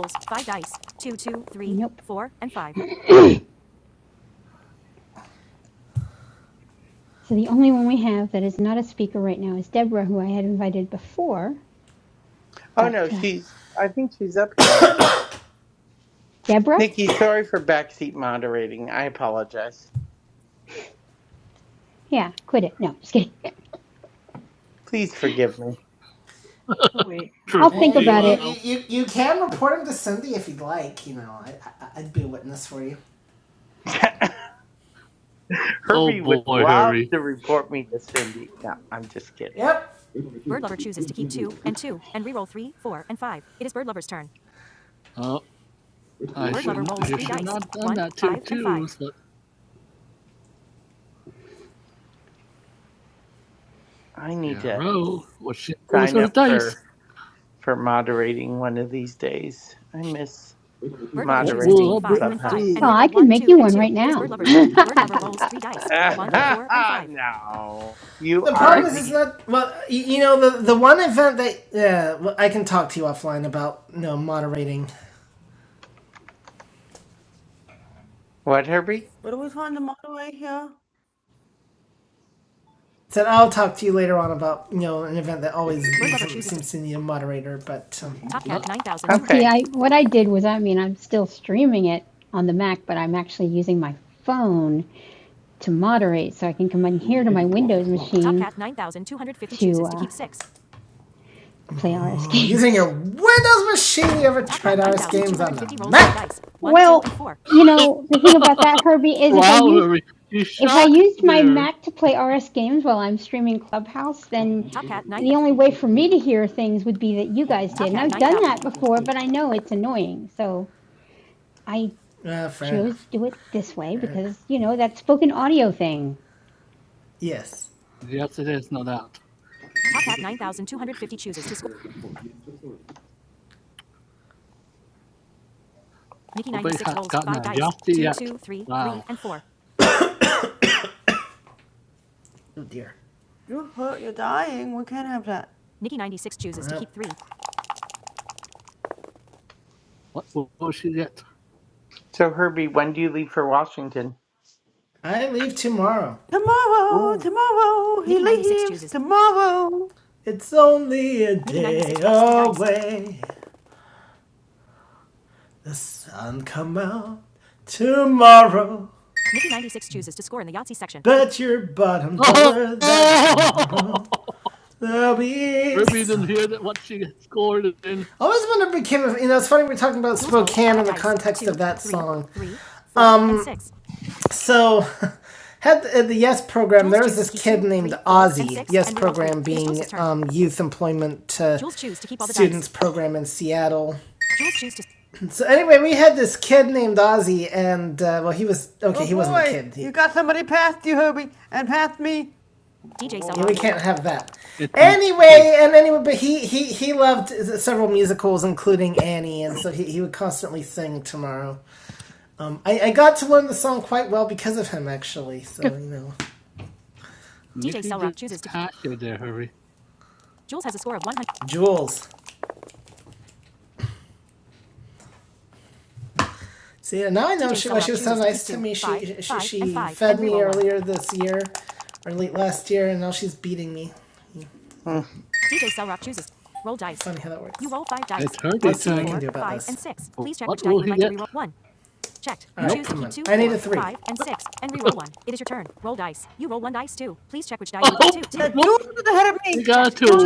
S3: nope. So the only one we have that is not a speaker right now is Deborah, who I had invited before.
S5: Oh
S3: But
S5: no,
S3: uh,
S5: she's I think she's up here now.
S3: Deborah,
S5: Nikki, sorry for backseat moderating. I apologize.
S3: yeah, quit it. No, just kidding.
S5: Please forgive me.
S3: I'll
S1: Triple Uh,
S3: think
S1: you, you,
S3: about
S1: Wow.
S3: it.
S1: you, you can report him to Cindy if you'd like. You know, I, I, I'd be a witness for you. Oh
S5: Herbie would
S1: boy,
S5: love
S1: Hurry.
S5: to report me to Cindy. No, I'm just kidding.
S1: Yep. Oh, I just let
S5: I need
S1: yeah,
S5: to
S1: roll. What's she do with
S5: sign
S1: her
S5: up
S1: dice?
S5: for for moderating one of these days. I miss moderating Clubhouse.
S3: Oh, I could make you one right now.
S5: no. You
S1: The
S5: are
S1: problem is, it's
S5: the
S1: not well. You know, the the one event that yeah, well, I can talk to you offline about. You know, moderating.
S5: what, Herbie?
S1: What are we trying to moderate here? Said I'll talk to you later on about you know an event that always seems to need a moderator. But um,
S3: Now, see,
S5: Okay.
S3: I what I did was, I mean, I'm still streaming it on the Mac, but I'm actually using my phone to moderate, so I can come in here to my Windows machine to uh, play RS
S1: oh, using your
S3: games.
S1: Windows machine, you ever?
S3: Well, you know, the thing about that, Herbie, is if I
S1: Wow,
S3: used
S1: Harry, you
S3: if I
S1: shocked
S3: used my
S1: there.
S3: Mac to play RS games while I'm streaming Clubhouse, then the only way for me to hear things would be that you guys did, and I've done that before, but I know it's annoying, so. I
S1: Uh, fair
S3: chose to
S1: enough.
S3: do it this way
S1: Fair enough.
S3: because, you know, that spoken audio thing.
S1: Yes. Yes, it is, no doubt. Oh dear. You hurt, you're dying. We can't have that. What, what was she get?
S5: So Herbie, when do you leave for Washington?
S1: I leave tomorrow. Tomorrow,
S5: Ooh.
S1: tomorrow, tomorrow. It's only a day. The sun come out tomorrow. Bet your bottom dollar that there'll be. Ruby didn't hear that what she scored it in. I always wonder if it became. You know, it's funny we're talking about. So, had the, uh, the Yes program, um, youth employment uh, program in Seattle So anyway, we had this kid named Ozzy, and uh, well, he was okay. Oh, he wasn't boy. a kid. He You got somebody past you, Hobie, and past me. can't have that. Anyway, and anyway, but he he he loved several musicals, including Annie, and so he, he would constantly sing Tomorrow. Um, I, I got to learn the song quite well because of him, actually. So you know, I stood there, Hurry. Jules. See, now I know here this year or late last year, and now she's beating me. Yeah,
S5: Mm.
S1: funny how that works. You was at of me. You got to.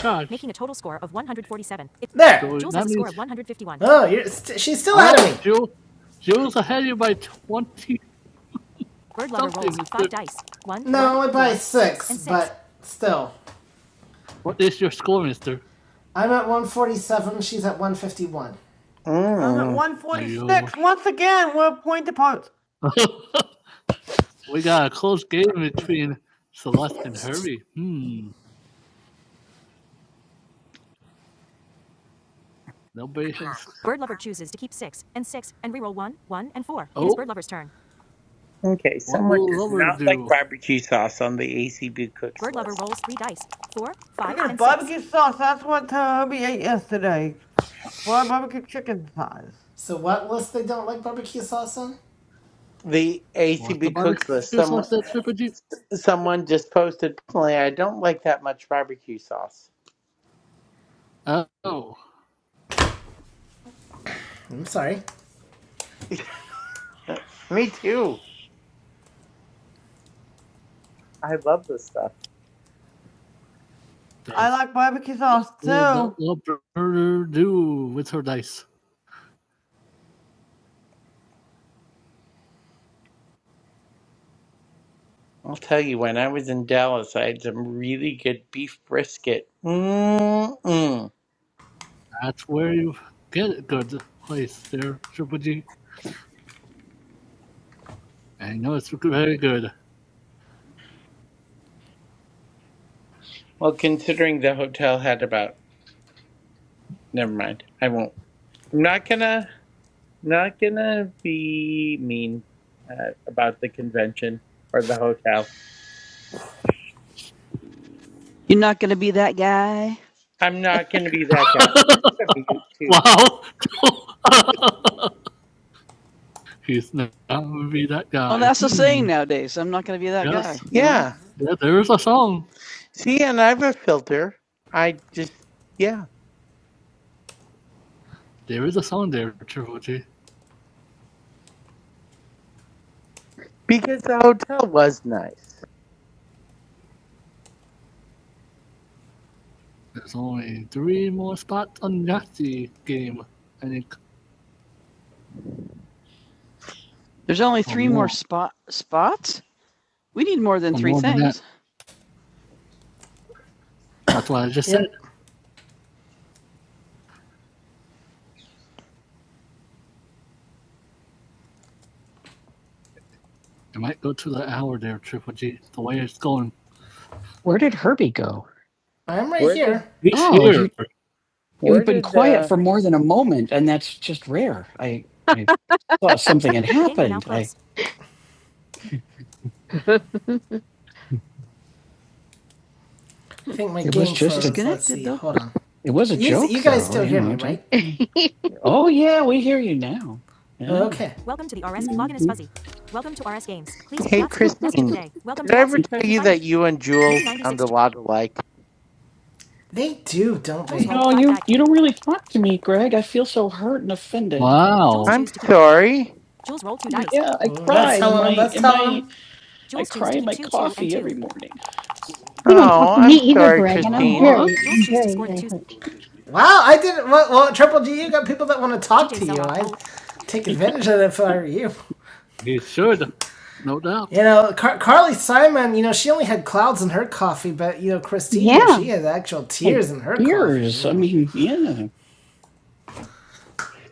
S1: Chuck, Oh, you're st- she's still ahead of me Jules, Jules ahead of you by 20. by six. Still, What is your score, mister? I'm at 147. She's at 151. I'm at
S5: Mm.
S1: 146. Yo. Once again, we're point to point. we got a close game between Celeste and Herbie. Hmm. Nobody has.
S5: Okay.
S1: What
S5: Someone
S1: will
S5: does
S1: Lover
S5: not like
S1: do?
S5: barbecue sauce on the ACB cooks list.
S1: Barbecue sauce, that's what Toby ate yesterday. Well, barbecue chicken thighs. So what list they don't like barbecue sauce on?
S5: The
S1: What's the
S5: ACB cooks list.
S1: barbecue
S5: Someone
S1: sauce that's tripping you?
S5: someone just posted. "Personally, I don't like that much barbecue sauce.
S1: Oh. I'm sorry.
S5: Me too. I love this stuff.
S1: The, I like barbecue sauce too. The, the do with her dice.
S5: I'll tell you, when I was in Dallas, I had some really good beef brisket. Mm-mm.
S1: That's where you get it good place there, Triple G. I know it's very good.
S5: Well, considering the hotel had about, never mind. I won't. I'm not gonna, not gonna be mean uh, about the convention or the hotel.
S1: You're not gonna be that guy.
S5: I'm not gonna be that guy. I'm gonna mute too because.
S1: Wow. He's not going to be that guy. Well, that's the saying nowadays. I'm not gonna be that Yes. guy. You know.
S5: Yeah.
S1: Yeah, there is a song.
S5: See, and I have a filter. I just, yeah,
S1: There is a song there, Triple G.
S5: because the hotel was nice.
S1: There's only three more spots on Yahtzee game. I think There's only three more. more spot spots. We need more than Or three more things. than things. that's what I just Yeah. said. It might go to the hour there, Triple G. The way it's going. Where did Herbie go? I'm right
S5: Where
S1: here.
S5: did,
S1: He's Oh, here. You,
S5: where
S1: You've been
S5: did?
S1: quiet
S5: uh
S1: for more than a moment, and that's just rare. I, I saw something, and I think my It was just froze. disconnected, Let's see. Hold on. it was a You, joke. you guys though, still hear me, do right? Oh yeah, we hear you now. Yeah. Okay.
S5: Hey, Christine, did I ever tell you that you and Jules sound a lot alike?
S1: They do, don't You don't really talk to me, Greg. I feel so hurt and offended. Wow.
S5: I'm sorry.
S1: Yeah, I Well, cried in my, every morning.
S3: You don't
S5: Oh,
S3: talk to me
S5: I'm
S3: either,
S5: sorry,
S1: Aw.
S3: Greg, and I'm
S5: Christine.
S3: very, I'm very, very hurt.
S1: Wow, I didn't. Well, well, Triple G, you got people that want to talk. Take advantage of that if I were you. You should. No doubt. You know, Car- Carly Simon, you know, she only had clouds in her coffee, but, you know, Christine here,
S3: Yeah.
S1: she had actual tears oh, in her Years. I mean, yeah.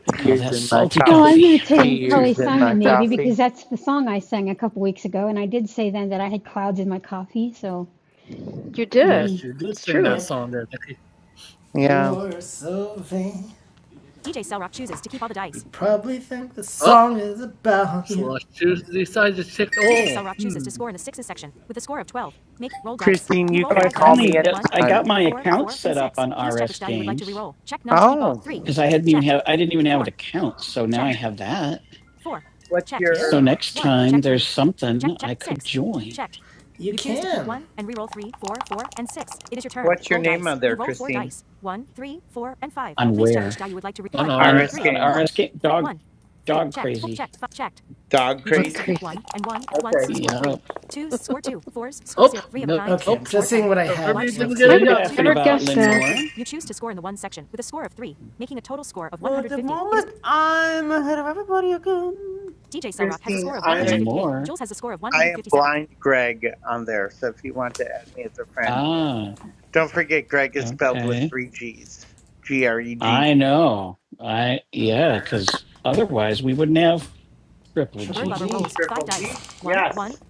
S1: They call
S5: Tears
S1: that
S5: in my
S1: salty
S3: Well,
S5: coffee.
S3: I'm
S1: coffee.
S3: imitating Carly
S5: Tears in my
S3: Simon maybe
S5: coffee.
S3: because that's the song I sang a couple weeks ago, and I did say then that I had clouds in my coffee, so
S1: Yeah, Yes,
S3: maybe.
S1: you did It's sing true. that song there,
S5: Yeah.
S1: You're so vain. probably think the song oh. is about So you. I choose to decide to take all
S5: Christine, you can call me anytime. Oh.
S1: Counts. So now I have that.
S5: What's your
S1: Something. Yeah.
S5: what's your name on there, Christine? RS Games.
S1: RSK. Dog, dog
S5: Dog crazy? Okay.
S1: what I have. about Guess Lenore. I'm ahead of everybody again.
S5: Christine, I am I am blind Greg on there, so if you want to add me as a friend.
S1: Ah,
S5: Don't forget Greg is spelled with
S1: okay.
S5: three G's. G R E G
S1: I
S5: G.
S1: know. I yeah, because otherwise we wouldn't have Ripley.
S5: Triple G? Yes.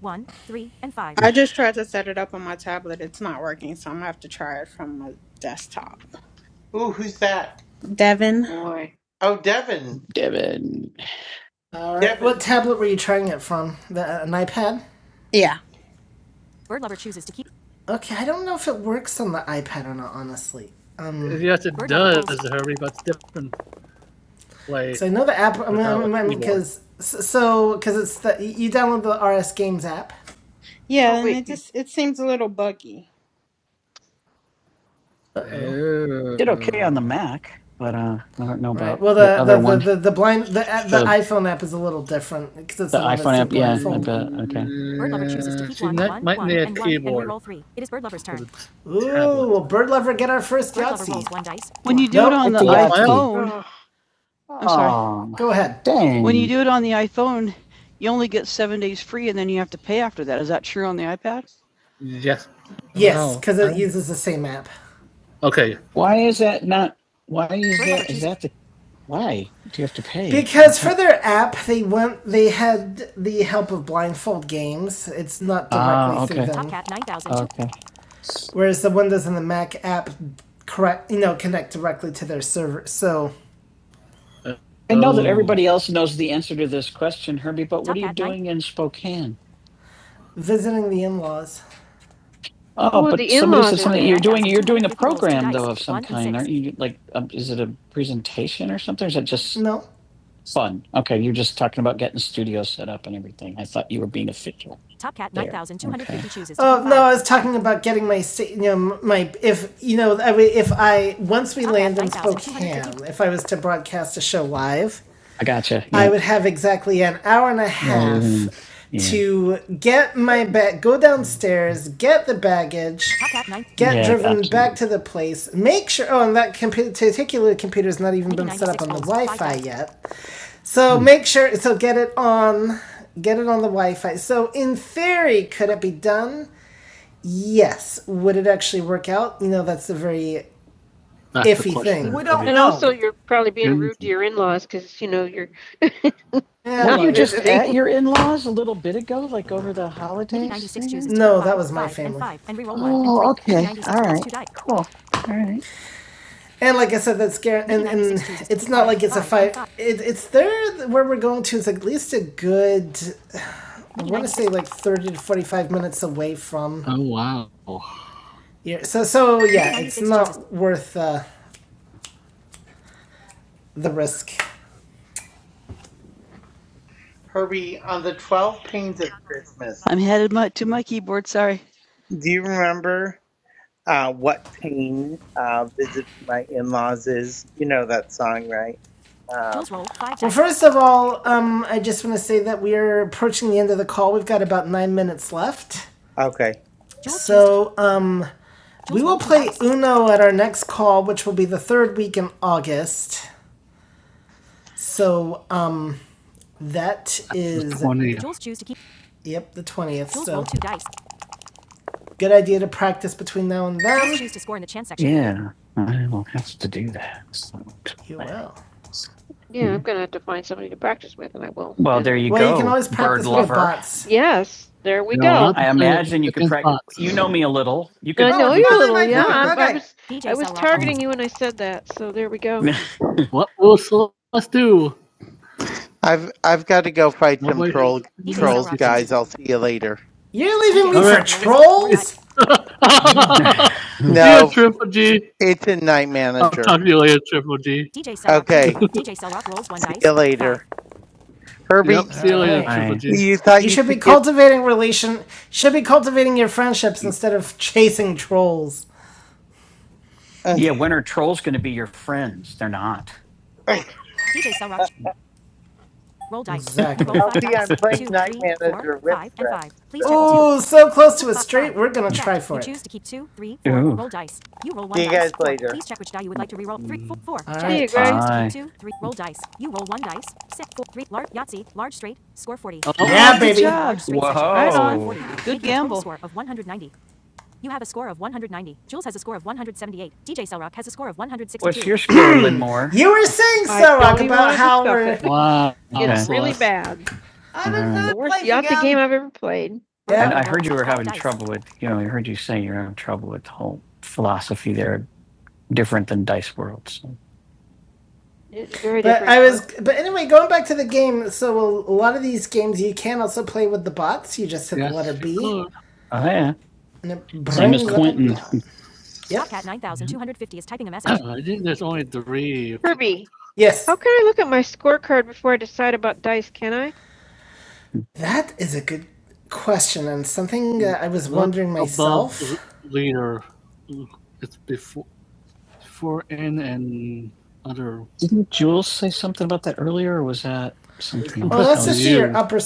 S6: I just tried to set it up on my tablet. It's not working, so I'm gonna have to try it from my desktop.
S5: Ooh, who's that?
S6: Devin?
S5: Oh Devin.
S1: Devin. All right.
S5: Devin
S1: What tablet were you trying it from? The, uh, an iPad?
S6: Yeah.
S1: Okay, I don't know if it works on the iPad or not. Honestly, um, You have to hurry, but it's different way. So I know the app. I'm- because so because it's the you download the RS Games app.
S6: Yeah, and it just it seems a little buggy.
S1: Uh-oh. Did okay on the Mac, but uh, I don't know about Right. Well, the, the other the, one. the, the, blind the, uh, the The- iPhone app is a little different because it's the iPhone app, yeah, I bet. Okay. Ooh, will Bird Lover get our first? Do it on the iPhone. I'm sorry. Um, Go ahead. dang. When you do it on the iPhone, you only get seven days free, and then you have to pay after that. Is that true on the iPad? Yes. Yes, No, because it uses the same app. Okay. Why is that not? Why is that? Is that? the? Why do you have to pay? Because for their app, they went. They had the help of Blindfold Games. It's not directly Ah, through okay. through them. Okay. Whereas the Windows and the Mac app, correct, you know, connect directly to their server. So I know that Oh. everybody else knows the answer to this question, Herbie, but living in Spokane. Visiting the in-laws. Oh, Oh, but the somebody in-laws said something you, you like. Um, is it a presentation or something? Or is it just No, fun? Okay, you're just talking about getting the studio set up and everything. I thought you were being official. I was talking about getting my, you know, my if you know, if I once we if I was to broadcast a show live, I gotcha. Yeah. I Yeah. would have exactly an hour and a half mm, yeah. to get my bag, go downstairs, get the baggage, get Yeah, driven gotcha. back to the place, make sure. Oh, and that compu- particular computer is not even yet. So mm. make sure. So get it on. Get it on the Wi-Fi. So in theory, could it be done? Yes. Would it actually work out? You know, that's a very That's iffy thing. We don't And know. also, you're probably being Yeah. rude to your in-laws because you know you're Were And not you like, just it, it, at your in laws a little bit ago, like over the holiday? and like I said, that's scary. It, it's there where we're going to is at least a good, I want say like thirty to forty-five minutes away from Oh wow. yeah So so yeah, worth uh, the risk.
S5: Herbie, on the 12 pains of Christmas,
S1: I'm headed my, to my keyboard. Sorry.
S5: do you remember uh, what pain uh, visiting my in laws is? You know that song, right? Um,
S1: First of all, um, I just want to say that we are approaching the end of the call. We've got about nine minutes left.
S5: okay.
S1: So um, Uno at our next call, which will be the third week in August. So, um, that is. The 20th. Yep, the 20th. Good idea to practice between now and then. Yeah, I will have to do that. So- You will. Yeah, I'm gonna have to find somebody to practice with, and I will. Well, there you well, go, Well, you can always bird practice with lover. bots. Yes, there we You go. I imagine you could practice. bots. You know me a little. You could. I know Oh, you a really? little. Right, yeah, right, i okay. was you when I said that. So there we go. What will Celeste do?
S5: I've I've got to go fight some
S1: Nobody have
S5: troll trolls, guys. I'll see you later.
S1: You're leaving. See you,
S5: No,
S1: Triple G.
S5: it's a night
S1: I'll
S5: manager.
S1: talk to you later, Triple G.
S5: Okay, see you later, Herbie.
S1: Yep,
S5: You
S1: see you
S5: can't.
S1: later, Alright. Triple G.
S5: You thought
S1: You
S5: you
S1: should be
S5: could get.
S1: cultivating relation. Should be cultivating your friendships instead of chasing trolls. Yeah, when are trolls going to be your friends? They're not.
S5: I'll see. I'm playing night manager with friends. So
S1: Oh, so close to We're gonna.
S5: see you guys later.
S1: Uh, yeah, baby. Job. you're squirreling more. You were saying so, do Rock, about how we're. Wow. It's really bad. I've Uh, been the The worst play Yahtzee game I've ever played. Yeah. I I we're having trouble with, you know, I heard you say you're having trouble with the whole philosophy there, different than Dice Worlds. It's very But different. I was, but anyway, going back to the game. So a lot of these games you can also play with the bots. You just hit Yes, the letter B, Cool. Oh, yeah. Same as brings up- Quentin. Yeah. Uh, I think there's only three. Kirby. Yes, How can I look at my scorecard before I decide about dice? Can I? that is a good question and something that I was Look wondering myself. l- Leader. It's before for in and other. Didn't Jules say something about that earlier, or was that something? Oh, that's just you. your upper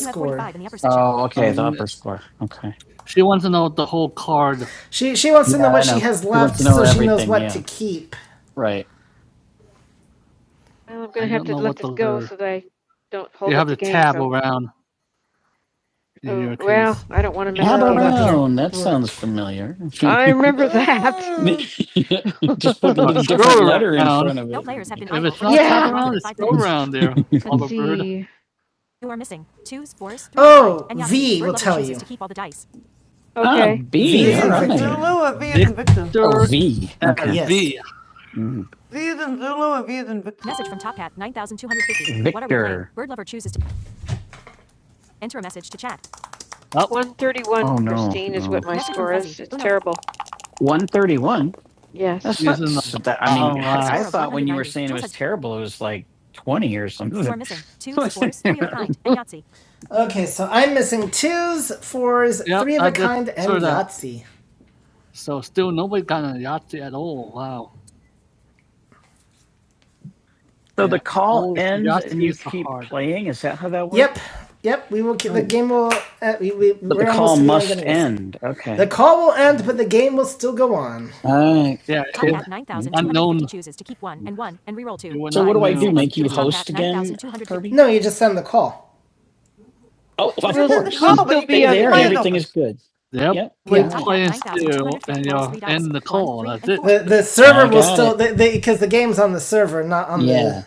S1: Oh, okay, um, the Um, upper score. Okay. She wants to know the whole card. She she wants to know Yeah, I what she has left, to so she knows what yeah. to keep. Right. Well, I'm I am going to have to let what this go are. so that I don't hold You have the the game. tab so- around Oh, well, I don't want to mess Tab Yeah. up. around. That sounds familiar. I remember that. Just put a Scroll different letter in front of around there. All over. Ah, Okay. V. V and right. Victor Lua, V and Victor. Oh, V. Uh, Okay. Uh, yes. V. Mm. V is in Zulu and Lua, V and Victor. That one. 131, Oh, no, Christine, no. is no. what marble. 131. Yes. That's Yes, not, and- so that, I mean, Oh, that's wow. terrible. It was like 20 or something. Okay, so I'm missing twos, fours, Yep, three of I a kind, and Yahtzee. So still nobody got a Yahtzee at all. Wow. So yeah. the call Oh, ends and you keep hard. playing. Is that how that works? Yep, yep. We will. keep The game will. Uh, we, we, But the call must end Okay. The call will end, but the game will still go on. All right. Yeah. Make you. No, you just send the call. Oh, of Well, the call will be there. Everything is good. Yep. Yep. Yeah. The the server will still because the the game's on the server, not on Yeah. the Yeah.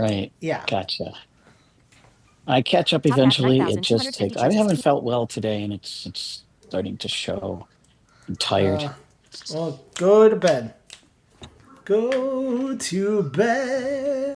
S1: Right. yeah. Gotcha. I catch up. It felt well today, and it's it's starting to show. I'm tired. Uh, well, go to bed. go to bed.